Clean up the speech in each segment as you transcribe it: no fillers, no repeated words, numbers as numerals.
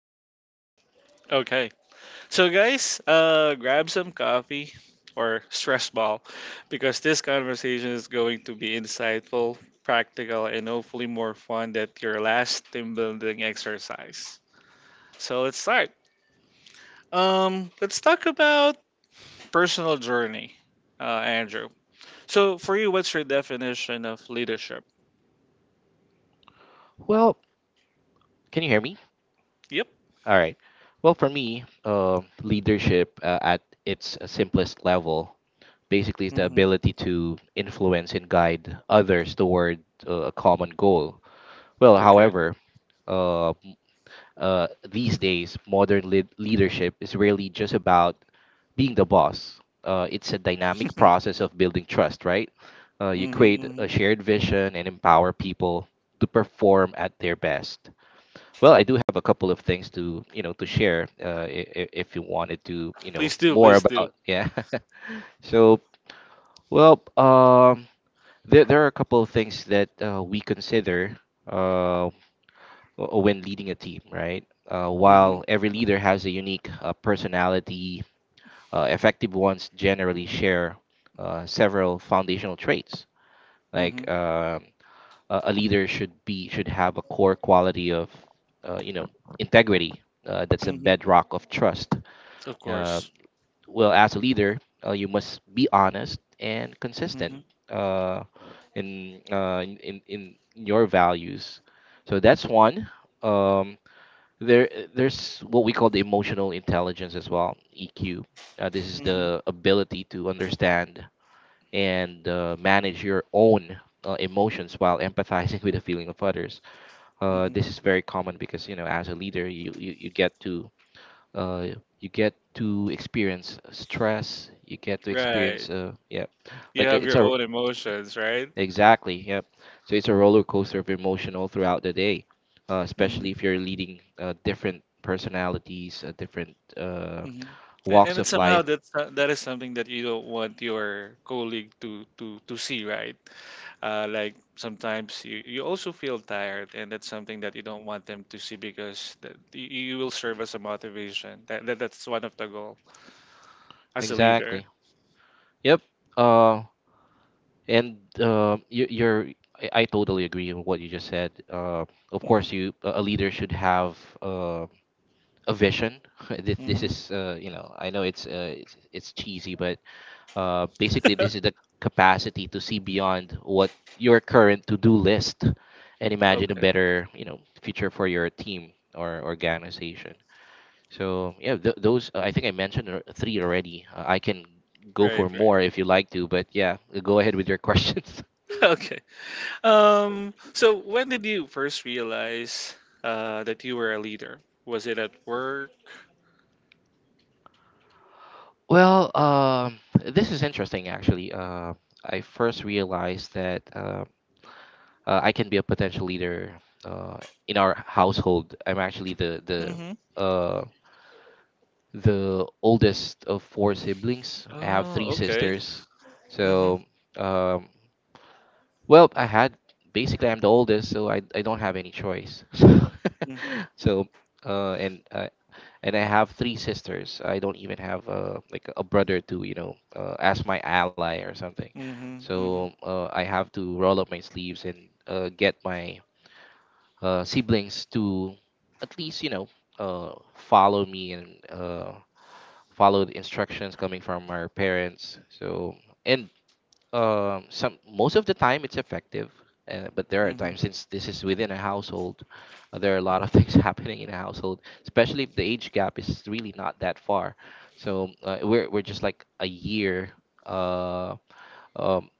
up. Okay. So, guys, grab some coffee or stress ball because this conversation is going to be insightful, practical, and hopefully more fun than your last team building exercise. So, let's start. Let's talk about personal journey, Andrew. So, for you, what's your definition of leadership? Well, can you hear me? Yep. All right. Well, for me, leadership at its simplest level basically is the Hmm. ability to influence and guide others toward a common goal. Well, Okay. however, uh, these days, modern leadership is really just about being the boss. It's a dynamic process of building trust, right? You create hmm a shared vision and empower people to perform at their best. Well, I do have a couple of things to to share, if you wanted to Please do. more Please do. about, yeah. so well, there are a couple of things that we consider. Um, when leading a team, right? Hmm, While every leader has a unique personality, effective ones generally share several foundational traits. Like, hmm, a leader should have a core quality of uh, you know integrity. That's a hmm. bedrock of trust. Of Um course. well, as a leader, you must be honest and consistent Hmm, uh, in, in your values. So that's one. Um, there there's what we call the emotional intelligence as well, EQ. This is hmm, the ability to understand and manage your own emotions while empathizing with the feeling of others. Hmm. This is very common because as a leader you get to uh, you get to experience stress, you get to experience, Right. Yeah, You like, have it's your a— own emotions, right? Exactly. Yep. So it's a roller coaster of emotional throughout the day, hmm especially if you're leading different personalities, different hmm And walks it's of somehow life. That is something that you don't want your colleague to see, right? Like sometimes you also feel tired, and that's something that you don't want them to see because that you will serve as a motivation. That's one of the goal as a leader. Exactly. Yep. Uh, and you, you're. I totally agree with what you just said. Of Hmm, course, you a leader should have uh, a vision. This hmm. is I know it's it's cheesy, but basically, this is the capacity to see beyond what your current to-do list and imagine a Okay, better, future for your team or organization. So yeah, those, I think I mentioned three already. I can go for right, right. more if you like to, but yeah, go ahead with your questions. Okay. So when did you first realize that you were a leader? Was it at work? Well, this is interesting actually. I first realized that I can be a potential leader uh, in our household. I'm actually uh, the oldest of four siblings. I have Oh, three okay. sisters. Mhm. So, um, well, I had basically I'm the oldest, so I don't have any choice. Mm, so and and I have three sisters. I don't even have like a brother to as my ally or something. mhm. So Mhm. I have to roll up my sleeves and get my siblings to at least follow me and followed instructions coming from our parents. So and some most of the time it's effective, but there are Mhm. times, since this is within a household, there are a Mm, lot of things happening in a household, especially if the age gap is really not that far. So, we're just like a year, uh, um,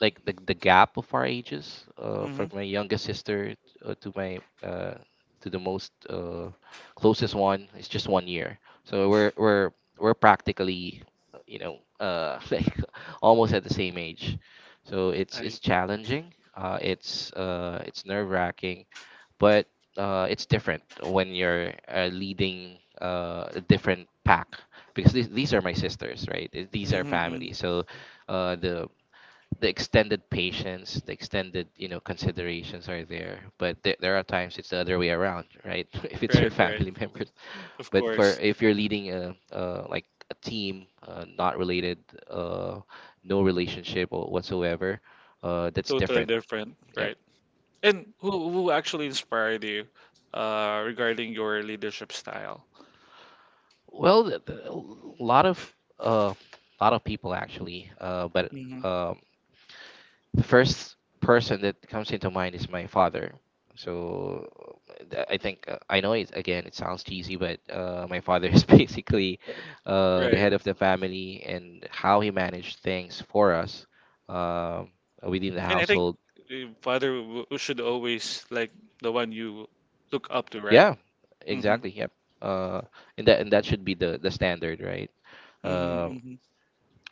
like the gap of our ages, from mhm. my youngest sister to my, to the most, closest one is just 1 year. So we're practically, like almost at the same age. So it's I. it's challenging, it's nerve wracking, but it's different when you're leading a different pack, because these are my sisters, right? These Mhm. are family. Mhm. So uh, the the extended patience, the extended, considerations are there, but there are times it's the other way around, right? If it's your Right. Right. family members, Of but for course. if you're leading a, like, a team, not related, uh, no relationship or whatsoever, that's Totally different. different. Yep. Right. And who actually inspired you, regarding your leadership style? Well, a lot of uh, people actually, but. Mhm. Um, the first person that comes into mind is my father. So I think, I know, it again, it sounds cheesy, but my father is, basically, the Right. head of the family, and how he managed things for us, um within the And I think household. Father should always like the one you look up to, right? Yeah, Mhm. exactly. Yep. Uh, and that should be the standard, right? Mhm. Um Mhm.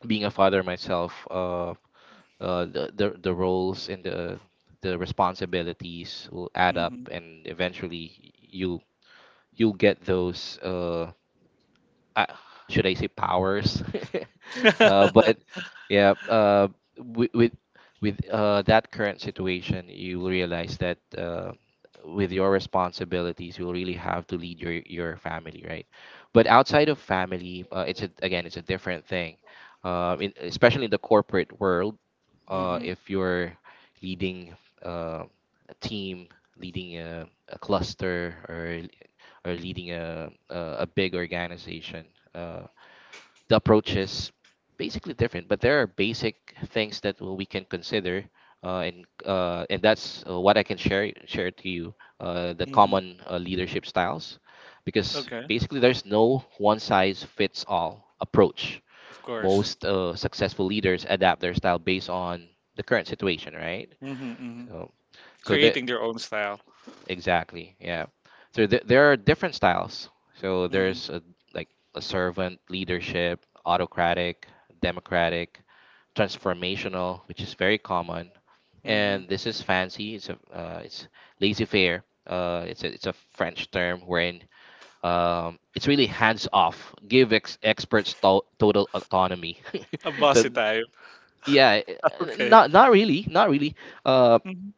Being a father myself, the roles and the responsibilities will add up, Mhm. and eventually you'll get those, uh, should I say powers? But yeah, with with, with that current situation, you'll realize that, with your responsibilities, you'll really have to lead your family, right? But outside of family, again, it's a different thing. Especially in the corporate world, Mhm. if you're leading uh, a team, leading a cluster, or leading a big organization. Uh, the approach is basically different, but there are basic things that we can consider, and that's, what I can share to you. The Mhm. common, leadership styles, because Okay. basically there's no one size fits all approach. Of course. Most successful leaders adapt their style based on the current situation, right? Mhm. Mhm. So so there Creating their own style. Exactly. Yeah. So, there are different styles. So Mm-hmm. there's like, a servant leadership, autocratic, democratic, transformational, which is very common, Mm-hmm. and this is fancy. It's laissez faire. It's a French term wherein, it's really hands off. Give experts total autonomy. A So bossy type. yeah, Okay. not really, not really. Uh, Hmm.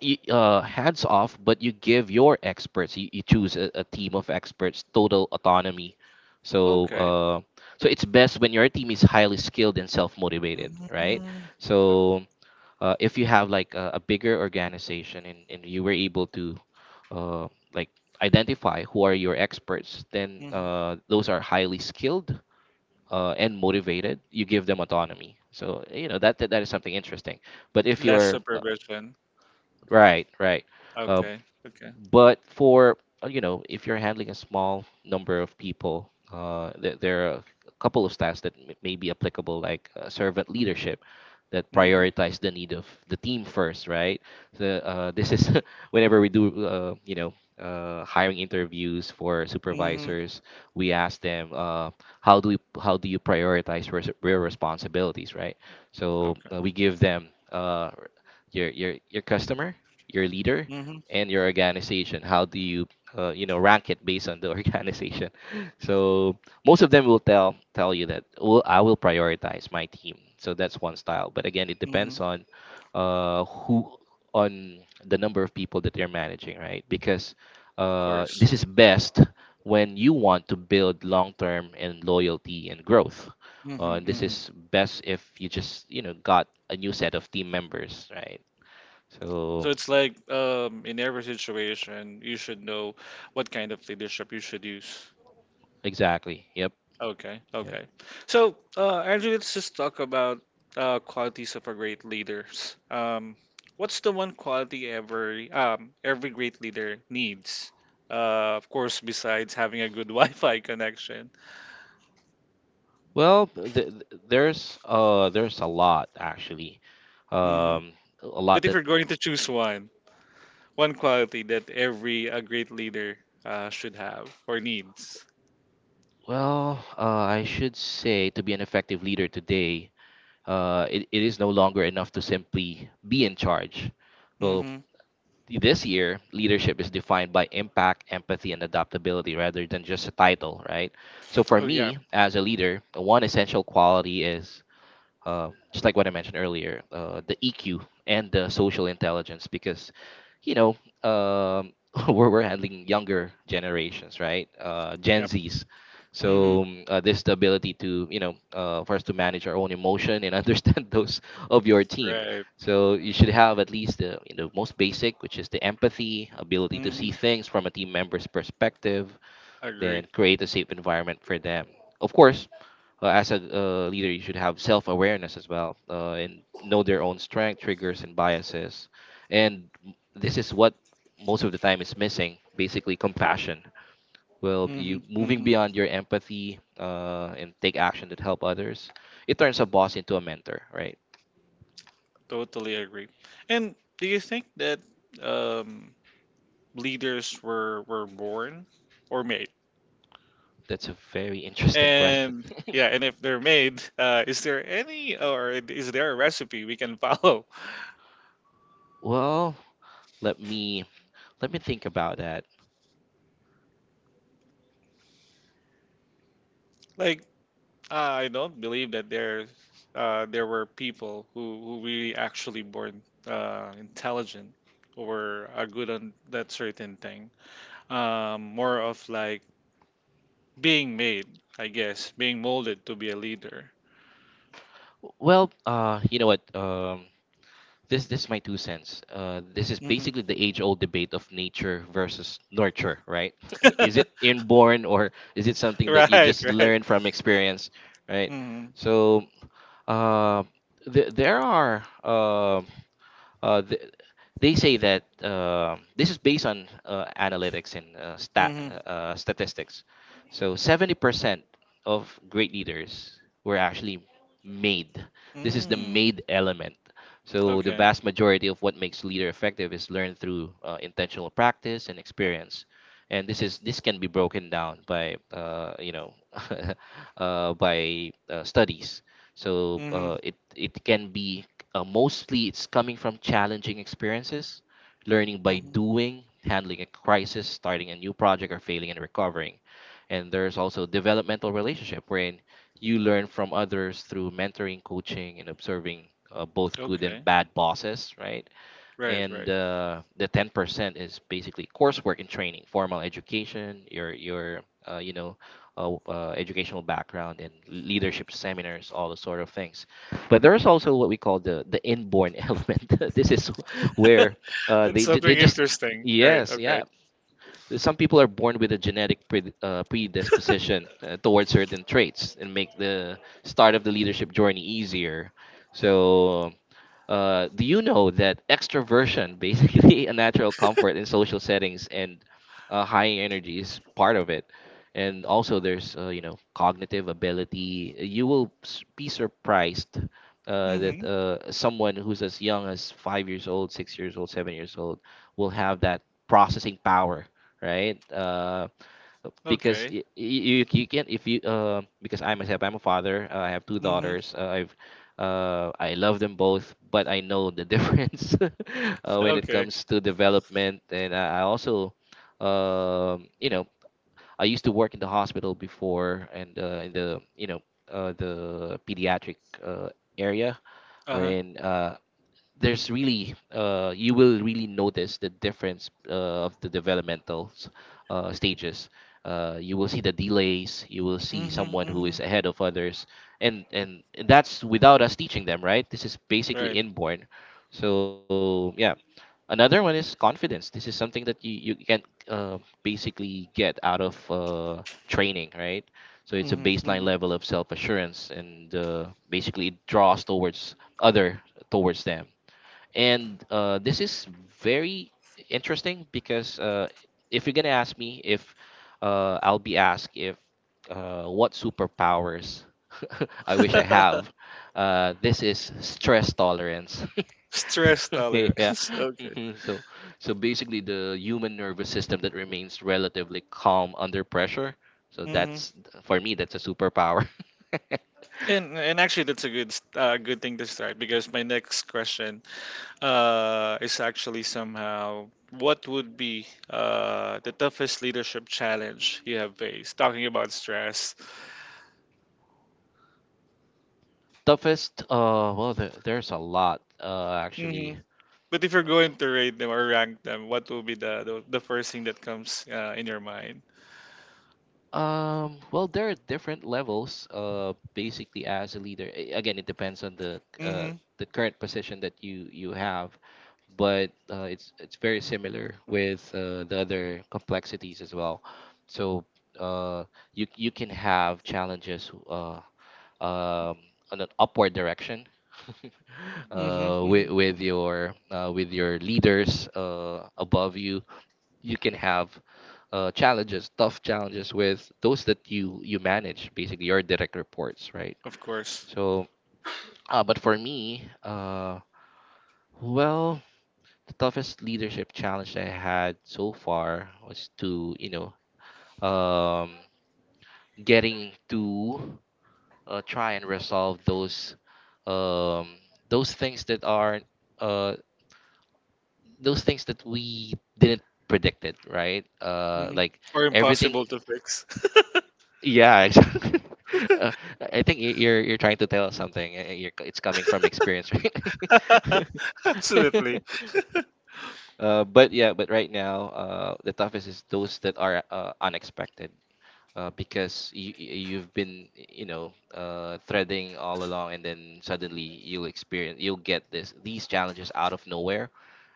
Hands off, but you give your experts. You choose a team of experts, total autonomy. So Okay. uh, so, it's best when your team is highly skilled and self motivated, right? Mm-hmm. So, if you have like a bigger organization, and you were able to uh, like, identify who are your experts, then, hmm those are highly skilled and motivated. You give them autonomy. So you know that, that is something interesting. But if Less you're, supervision. right, right. Uh, Okay. Okay. but for if you're handling a small number of people, there are a couple of stats that may be applicable, like servant leadership, that Mm-hmm. prioritize the need of the team first, right? So this is, whenever we do hiring interviews for Mm-hmm. supervisors, we ask them, how do you prioritize your responsibilities, right? So Okay. We give them, your customer, your leader, Mm-hmm. and your organization, how do you you know rank it based on the organization? So most of them will tell you that, well, I will prioritize my team. So that's one style. But again, it Mm-hmm. Of depends on, who on the number of people that you're managing, right? Because course. this is best when you want to build long-term and loyalty and growth, Mm-hmm. and this Mm-hmm. is best if you just got a new set of team members, right? So So it's like in every situation, you should know what kind of leadership you should use. exactly, yep. Okay, okay. So, Andrew, let's just talk about qualities of a great leaders. What's the one quality every great leader needs? Of course, besides having a good Wi-Fi connection. Well, there's a lot actually, hmm um a lot But if that, you're going to choose one quality that every a great leader should have or needs. I should say, to be an effective leader today, it is no longer enough to simply be in charge. Well, Hmm. this year leadership is defined by impact, empathy, and adaptability rather than just a title, right? So for Oh yeah, me as a leader, one essential quality is, just like what I mentioned earlier, the EQ and the social intelligence, because you know um, we're handling younger generations, right? Gen yep. Zs. Hmm. So, this the ability to, for us to manage our own emotion and understand those of your team. Right. So you should have at least the, most basic, which is the empathy, ability to see Hmm. things from a team member's perspective, Agree. then create a safe environment for them. Of course, as a leader, you should have self awareness as well, and know their own strength, triggers, and biases. And this is what most of the time is missing, basically, compassion. Well, Hmm, you moving hmm. beyond your empathy and take action that help others. It turns a boss into a mentor, right? Totally agree. And do you think that um, leaders were born or made? That's a very interesting question. And yeah, and if they're made, is there a recipe we can follow? Well, let me let me think about that. Like I don't believe that there were people who really actually born intelligent or are good on that certain thing. More of like being made, I guess, being molded to be a leader. Well, you know what? This is my two cents. This is Hmm. basically the age-old debate of nature versus nurture, right? Is it inborn or is it something that you Right, just right. learn from experience, right? Hmm. So uh, th- there are uh, uh, th- they say that this is based on analytics and Hmm. Statistics. So 70% of great leaders were actually made. This is the Mm. made element. So the Okay. vast majority of what makes leader effective is learned through intentional practice and experience. And this can be broken down by by studies. So Hmm. It can be, mostly it's coming from challenging experiences, learning by Hmm. doing, handling a crisis, starting a new project, or failing and recovering. And there's also developmental relationship wherein you learn from others through mentoring, coaching, and observing both good and Okay. bad bosses, right? Right, And right. The 10% is basically coursework and training, formal education, your uh, you know educational background and leadership seminars, all those sort of things. But there's also what we call the inborn element. This is where It's they ju- something they just interesting. Right. yes, Okay. yeah, some people are born with a genetic predisposition towards certain traits and make the start of the leadership journey easier. So, do you know that extroversion, basically a natural comfort in social settings and high energy, is part of it? And also, there's cognitive ability. You will be surprised that Hmm. Someone who's as young as 5 years old, 6 years old, 7 years old will have that processing power, right? Because Okay. y- y- you can if you because I myself, I'm a father. I have two Hmm. daughters. I love them both, but I know the difference when it Okay. comes to development. And I also, um, you know, I used to work in the hospital before, and in the you know the pediatric uh, area, Uh-huh. wherein there's really you will really notice the difference of the developmental stages. You will see the delays. You will see Hmm. someone who Hmm. is ahead of others, and that's without us teaching them, right? This is basically Right. inborn. So, yeah, another one is confidence. This is something that you can basically get out of training, right? So it's a Hmm. baseline Hmm. level of self assurance, and basically it draws other towards them. And this is very interesting because if you're gonna ask me if I'll be asked, if what superpowers I wish I have. This is stress tolerance. Stress Yeah. tolerance. Okay. Mhm. So basically the human nervous system that remains relatively calm under pressure. So hmm that's, for me, that's a superpower. and actually, that's a good thing to start because my next question is actually somehow what would be the toughest leadership challenge you have faced, talking about stress. Toughest, well, there's a lot, hmm actually. But if you're going to rate them or rank them, what will be the first thing that comes in your mind? Well, there are different levels. Basically, as a leader, again, it depends on Hmm, the current position that you have, but it's very similar with the other complexities as well. So, uh, you can have challenges, um, on an upward direction. hmm, hmm. With your leaders above you, you can have challenges, tough challenges with those that you manage, basically your direct reports, right? Of course. So, but for me, well, the toughest leadership challenge I had so far was to you know um, getting to try and resolve um, those things that are uh, those things that we didn't predicted, right? Hmm Like Or everything. impossible to fix. Yeah, exactly. Uh, I think you're trying to tell us something. It's coming from experience, right? Absolutely. But Yeah, but right now, the toughest is those that are unexpected, because you've been threading all along, and then suddenly you'll get this these challenges out of nowhere,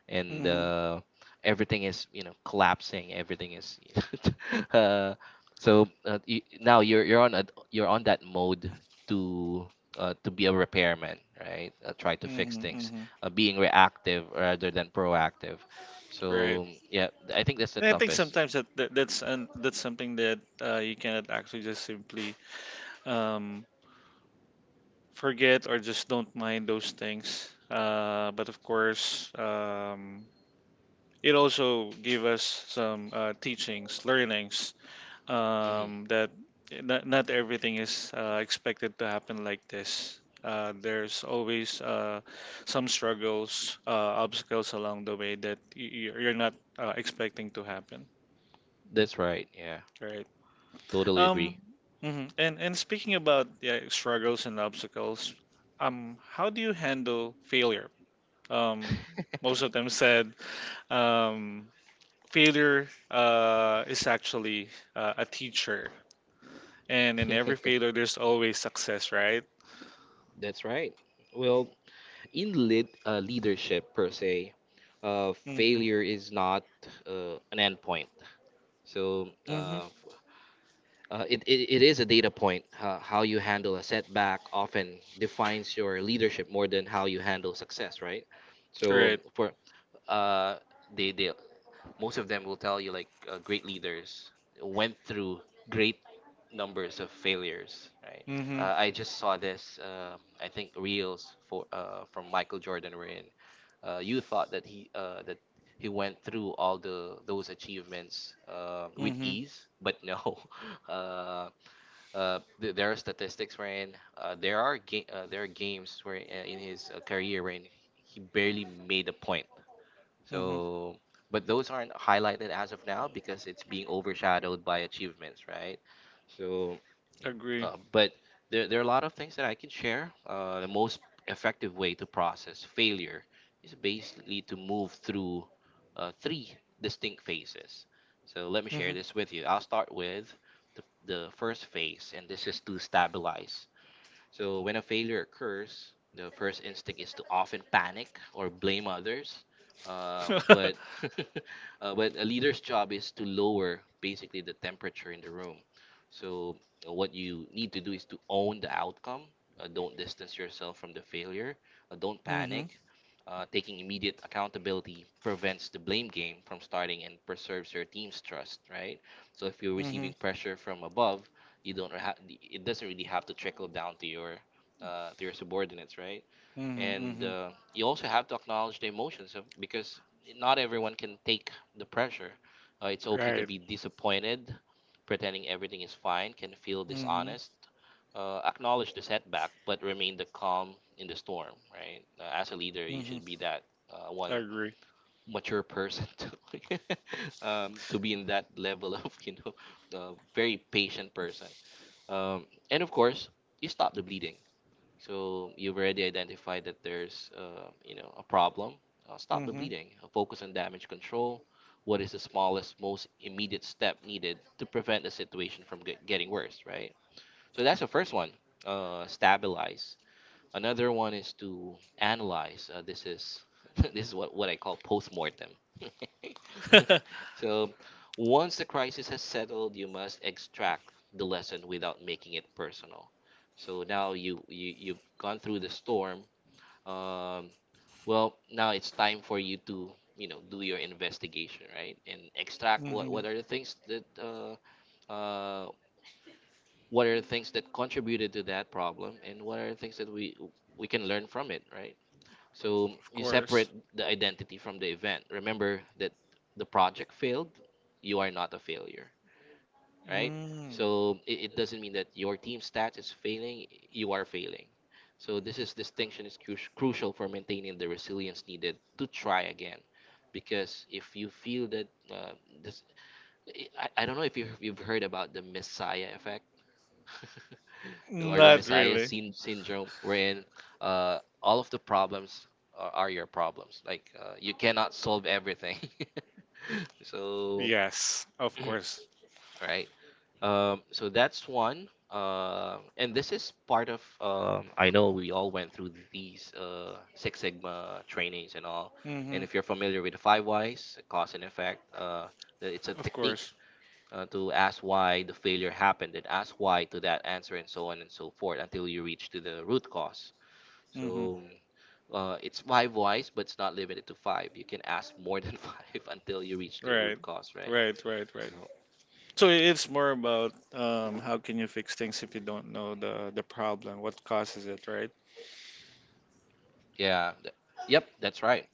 and Mm-hmm, everything is collapsing. Everything is uh, so you're on that mode to to be a repairman, right? Try to fix mm-hmm, things, mm-hmm. Being reactive rather than proactive. Right. So, yeah, I think that's the And I think toughest. sometimes that's something that you cannot actually just simply um, forget or just don't mind those things. But of course, it also gave us some teachings, learnings Hmm. That not everything is expected to happen like this. There's always some struggles, obstacles along the way that you're not expecting to happen, That's right. Yeah, right? totally Um, agree. mhm. And speaking about yeah, struggles and obstacles, how do you handle failure? Um, Most of them said um, failure is actually a teacher, and in every failure, there's always success, right? That's right. Well, in leadership per se, Mm-hmm. failure is not an endpoint. So Mm-hmm. It is a data point. How you handle a setback often defines your leadership more than how you handle success, right? So Right. for uh, they most of them will tell you, like, great leaders went through great numbers of failures, right? Mm-hmm. I just saw this, I think reels for from Michael Jordan wherein you thought that he went through all the those achievements with Mm-hmm. ease, but no. Uh, there are statistics wherein there are games where in his career wherein he barely made a point. Mm-hmm. So, but those aren't highlighted as of now because it's being overshadowed by achievements, right? So, Agree. But there are a lot of things that I can share. The most effective way to process failure is basically to move through three distinct phases. So let me share Mm-hmm. this with you. I'll start with the first phase, and this is to stabilize. So when a failure occurs, the first instinct is to often panic or blame others. But but a leader's job is to lower basically the temperature in the room. So what you need to do is to own the outcome. Don't distance yourself from the failure. Don't Mm-hmm. panic. Taking immediate accountability prevents the blame game from starting and preserves your team's trust, right? So if you're Mm-hmm. receiving pressure from above, you don't have it doesn't really have to trickle down to your subordinates, right. And Mm-hmm. You also have to acknowledge the emotions of, because not everyone can take the pressure. It's okay to Right. be disappointed. Pretending everything is fine can feel Mm-hmm. dishonest. Acknowledge the setback but remain the calm in the storm, right. As a leader you Mm-hmm. should be that one Agree. mature person to be in that level of the very patient person, and of course, you stop the bleeding. So you've already identified that there's, a problem. Stop the Mm-hmm. bleeding. Focus on damage control. What is the smallest, most immediate step needed to prevent the situation from getting worse, right? So that's the first one. Stabilize. Another one is to analyze. This is what I call postmortem. So once the crisis has settled, you must extract the lesson without making it personal. So now you've gone through the storm. Um, well, now it's time for you to do your investigation, right? And extract what Mm-hmm. what are the things that uh, contributed to that problem, and what are the things that we can learn from it, right? So Of you course. separate the identity from the event. Remember that the project failed, you are not a failure, right? Mm. So it doesn't mean that your team stats is failing, you are failing. So this is distinction is crucial for maintaining the resilience needed to try again. Because if you feel that this, I don't know if you've heard about the Messiah effect. Or the Not Messiah really. Syndrome, wherein all of the problems are your problems. Like, you cannot solve everything. So, Yes, of course. right. So that's one. And this is part of. I know we all went through these Six Sigma trainings and all. And if you're familiar with the five whys, cause and effect, it's a Of technique course. To ask why the failure happened and ask why to that answer and so on and so forth until you reach to the root cause. Mm-hmm. So, it's five whys but it's not limited to five. You can ask more than five until you reach the Right. root cause, right. Right, right, right. So, So it's more about how can you fix things if you don't know the problem, what causes it, right? yeah. Yep, that's right.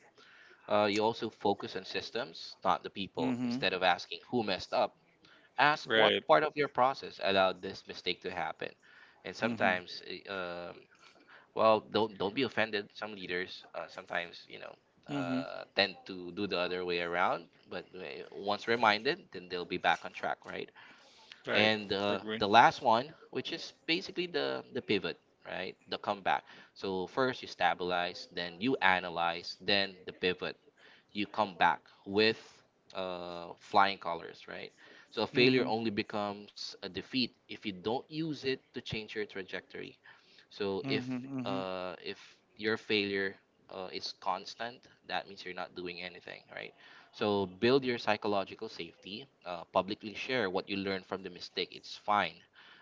You also focus on systems, not the people. Mm-hmm. Instead of asking who messed up, ask what Right. part of your process allowed this mistake to happen. And Mm-hmm. sometimes, uh, um, well, don't be offended. Some leaders sometimes Mm-hmm. Tend to do the other way around, but once reminded, then they'll be back on track, right? Right. And Agree. the last one, which is basically the pivot, right? The comeback. So first you stabilize, then you analyze, then the pivot. You come back with flying colors, right? So a failure Mm-hmm. only becomes a defeat if you don't use it to change your trajectory, so if Mm-hmm. Mm-hmm. uh, if your failure is constant, that means you're not doing anything, right? So build your psychological safety. Publicly share what you learned from the mistake. It's fine.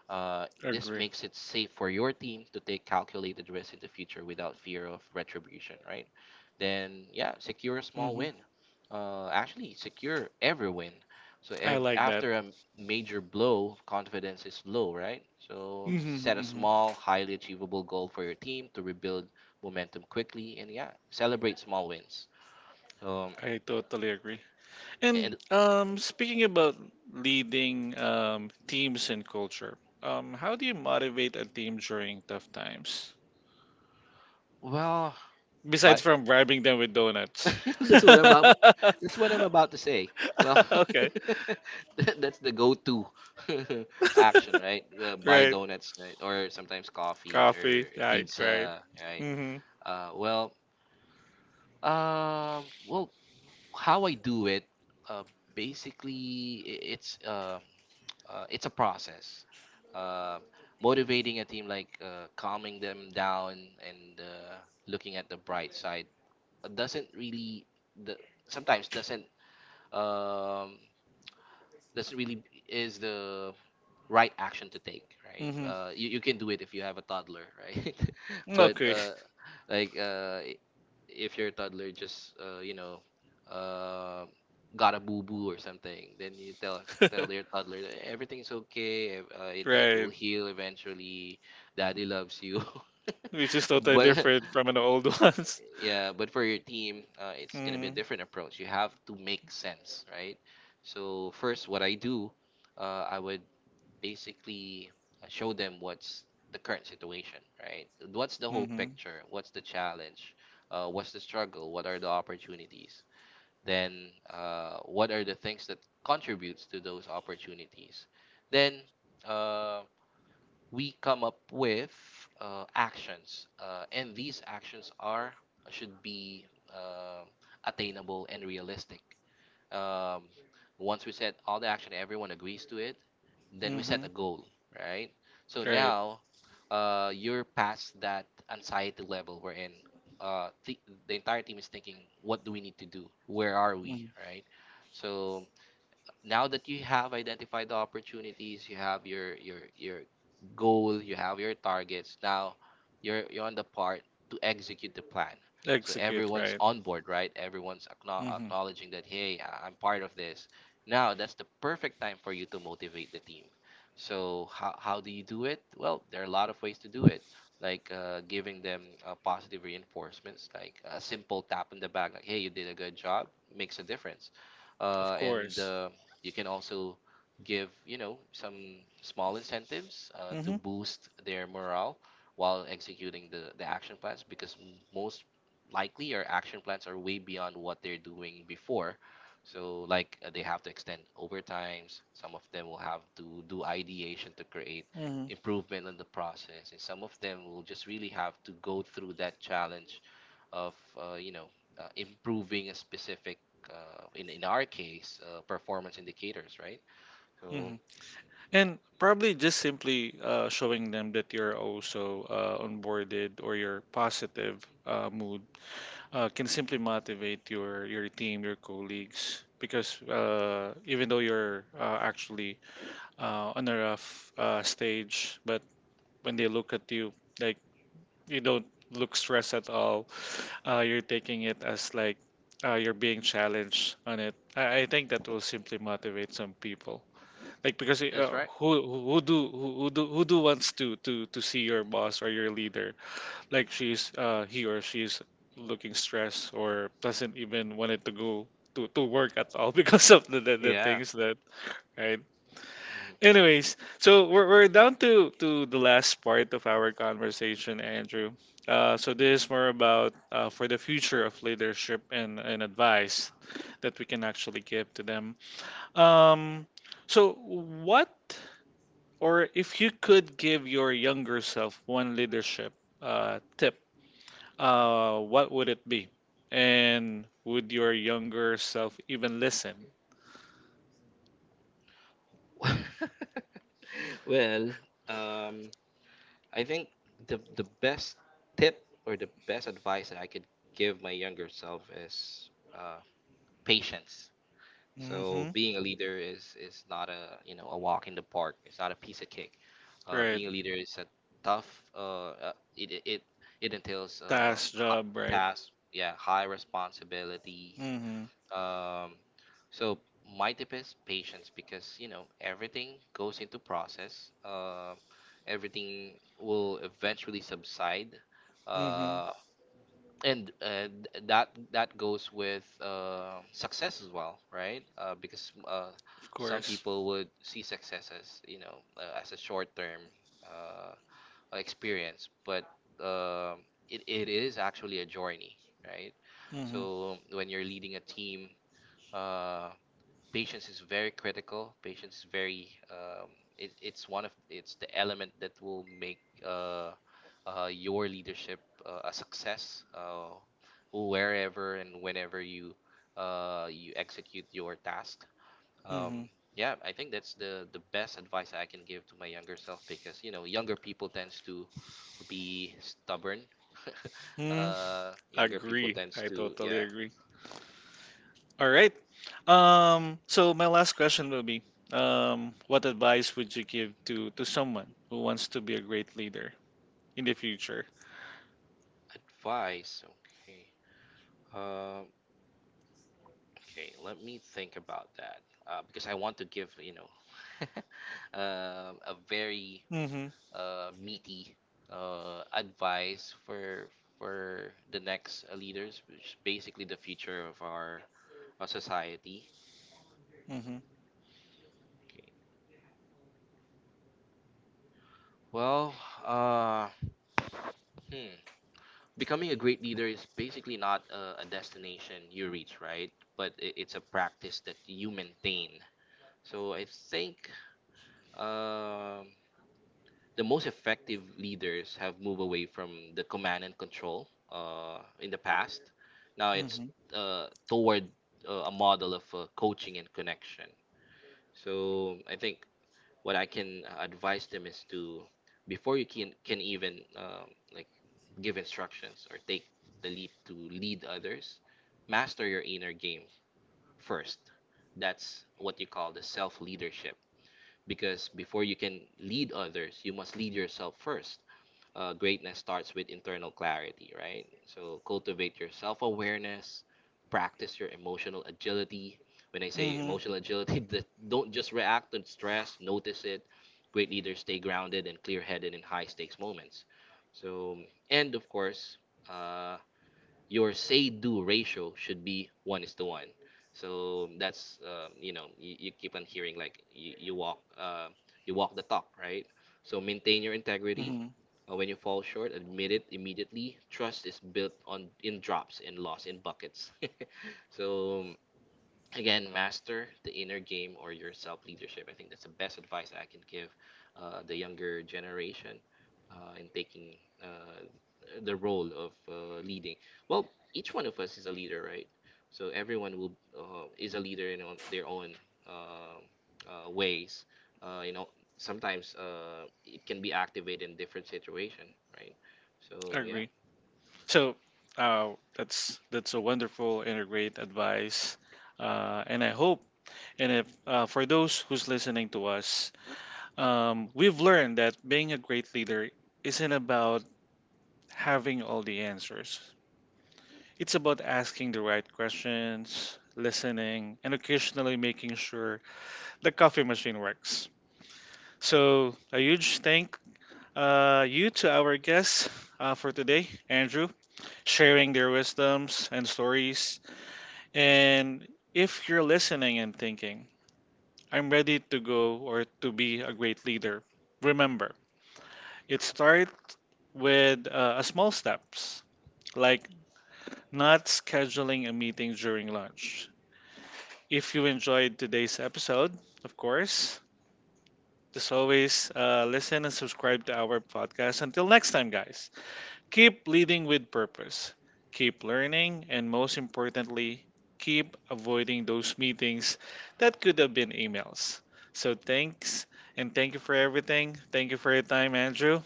This Agree. makes it safe for your team to take calculated risks in the future without fear of retribution, right? Then yeah, secure a small Mm-hmm. win. Actually, secure every win. So I like that. after a major blow, confidence is low, right? So Mm-hmm. set a Mm-hmm. small, highly achievable goal for your team to rebuild momentum quickly, and yeah, celebrate small wins. Um, I totally agree. And and speaking about leading teams and culture, how do you motivate a team during tough times? well, Besides but from bribing them with donuts. that's what I'm about. That's what I'm about to say. Well, Okay. that's the go-to action, right? Buy Right. donuts, right? Or sometimes coffee Coffee. or Right. Right. pizza, right? Mhm. Well, well, how I do it, uh, basically, it's a process. Uh, Motivating a team, like calming them down and looking at the bright side, doesn't really the sometimes um, doesn't really is the right action to take, right? Mhm. You can do it if you have a toddler, right? but Okay. Like if your toddler just uh, got a boo boo or something, then you tell their toddler that everything's okay. It Right. will heal eventually. Daddy loves you. Which is totally but different from the old ones. yeah, but for your team, it's gonna be a Mhm. different approach. You have to make sense, right? So first, what I do, I would basically show them what's the current situation, right? What's the whole Mhm. picture? What's the challenge? What's the struggle? What are the opportunities? Then, what are the things that contributes to those opportunities? Then, uh, we come up with actions, and these actions are should be uh, attainable and realistic. Um, Once we set all the action, everyone agrees to it, then we set a Mhm. goal, right? So Right. now you're past that anxiety level. We're in, uh, th- the entire team is thinking, what do we need to do, where are we, Mhm. right? So now that you have identified the opportunities, you have your goal, you have your targets, now you're on the part to execute the plan. So Execute. everyone's Right. on board, right? Everyone's acknow- Mhm. acknowledging that, hey, I'm part of this now. That's the perfect time for you to motivate the team. So how do you do it? Well, there are a lot of ways to do it, like giving them positive reinforcements, like a simple tap on the back, like, hey, you did a good job, makes a difference. Of And course. You can also give some small incentives to Mhm. boost their morale while executing the action plans, because most likely our action plans are way beyond what they're doing before. So like they have to extend overtimes. Some of them will have to do ideation to create Mhm. improvement in the process, and some of them will just really have to go through that challenge of improving a specific in our case performance indicators, right? So Mhm. And probably just simply showing them that you're also onboarded or your positive mood can simply motivate your team, your colleagues. Because even though you're actually on a rough stage, but when they look at you, like you don't look stressed at all. You're taking it as like you're being challenged on it. I think that will simply motivate some people. Like because that's right. Who do wants to see your boss or your leader like she's he or she's looking stressed or doesn't even wanted to go to work at all because of the things that. Right. Anyways, so we're down to the last part of our conversation, Andrew. So this is more about for the future of leadership and advice that we can actually give to them. Um, so what? Or if you could give your younger self one leadership tip, what would it be? And would your younger self even listen? Mhm. well, um, I think the best tip or the best advice that I could give my younger self is patience. So Mm-hmm. being a leader is not a, a walk in the park. It's not a piece of cake. Right. Being a leader is a tough. It entails Task hot job, right? tasks. Yeah, high responsibility, Mm-hmm. um, so my tip is patience, because everything goes into process. Everything will eventually subside, Mm-hmm. uh, and that goes with success as well, right? Because Of some course. people would see success as, as a short term uh, experience, but um it is actually a journey, right? Mm-hmm. So when you're leading a team, uh, patience is very critical. Patience is very, it, it's one of it's the element that will make uh, your leadership a success wherever and whenever you execute your task. Um, Mm-hmm. yeah, I think that's the best advice I can give to my younger self, because younger people tends to be stubborn. Mm. Younger people Agree. tends I to, totally yeah, agree. All right. So my last question will be, what advice would you give to someone who wants to be a great leader in the future? advice. Okay. Um, Okay, let me think about that, because I want to give, you know a very Mm-hmm. Meaty advice for the next leaders, which is basically the future of our society. Mm-hmm. Okay. Well, uh, hmm. Becoming a great leader is basically not a destination you reach, right? But I it's a practice that you maintain. So I think. Um, the most effective leaders have moved away from the command and control in the past. Now it's Mhm, toward a model of coaching and connection. So I think what I can advise them is to, before you can even, like, give instructions or take the leap to lead others, master your inner game first. That's what you call the self leadership. Because before you can lead others, you must lead yourself first. Greatness starts with internal clarity, right? So cultivate your self awareness, practice your emotional agility. When I say mhm, emotional agility, that don't just react to stress, notice it. Great leaders stay grounded and clear headed in high stakes moments. So, and of course, uh, your say do ratio should be one is to one. So that's, you keep on hearing like, you walk you walk the talk, right? So maintain your integrity. mhm. When you fall short, admit it immediately. Trust is built on in drops, in loss, in buckets. so again, master the inner game or your self leadership. I think that's the best advice I can give the younger generation in taking uh, the role of leading. Well, each one of us is a leader, right? So everyone will, is a leader in on their own um ways, uh, you know sometimes it can be activated in different situation, right? So yeah, Agree. So, that's a wonderful and a great advice, and I hope and if for those who's listening to us, we've learned that being a great leader isn't about having all the answers. It's about asking the right questions, listening, and occasionally making sure the coffee machine works. So, a huge thank you to our guests for today, Andrew, sharing their wisdoms and stories. And if you're listening and thinking, I'm ready to go or to be a great leader, remember, it starts with a small steps, like not scheduling a meeting during lunch. If you enjoyed today's episode, of course, as always, listen and subscribe to our podcast. Until next time, guys. Keep leading with purpose, keep learning, and most importantly, keep avoiding those meetings that could have been emails. So thanks and thank you for everything. Thank you for your time, Andrew.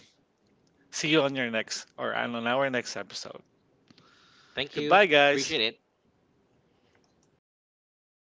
See you on our next episode. thank you. Goodbye, Appreciate guys. it.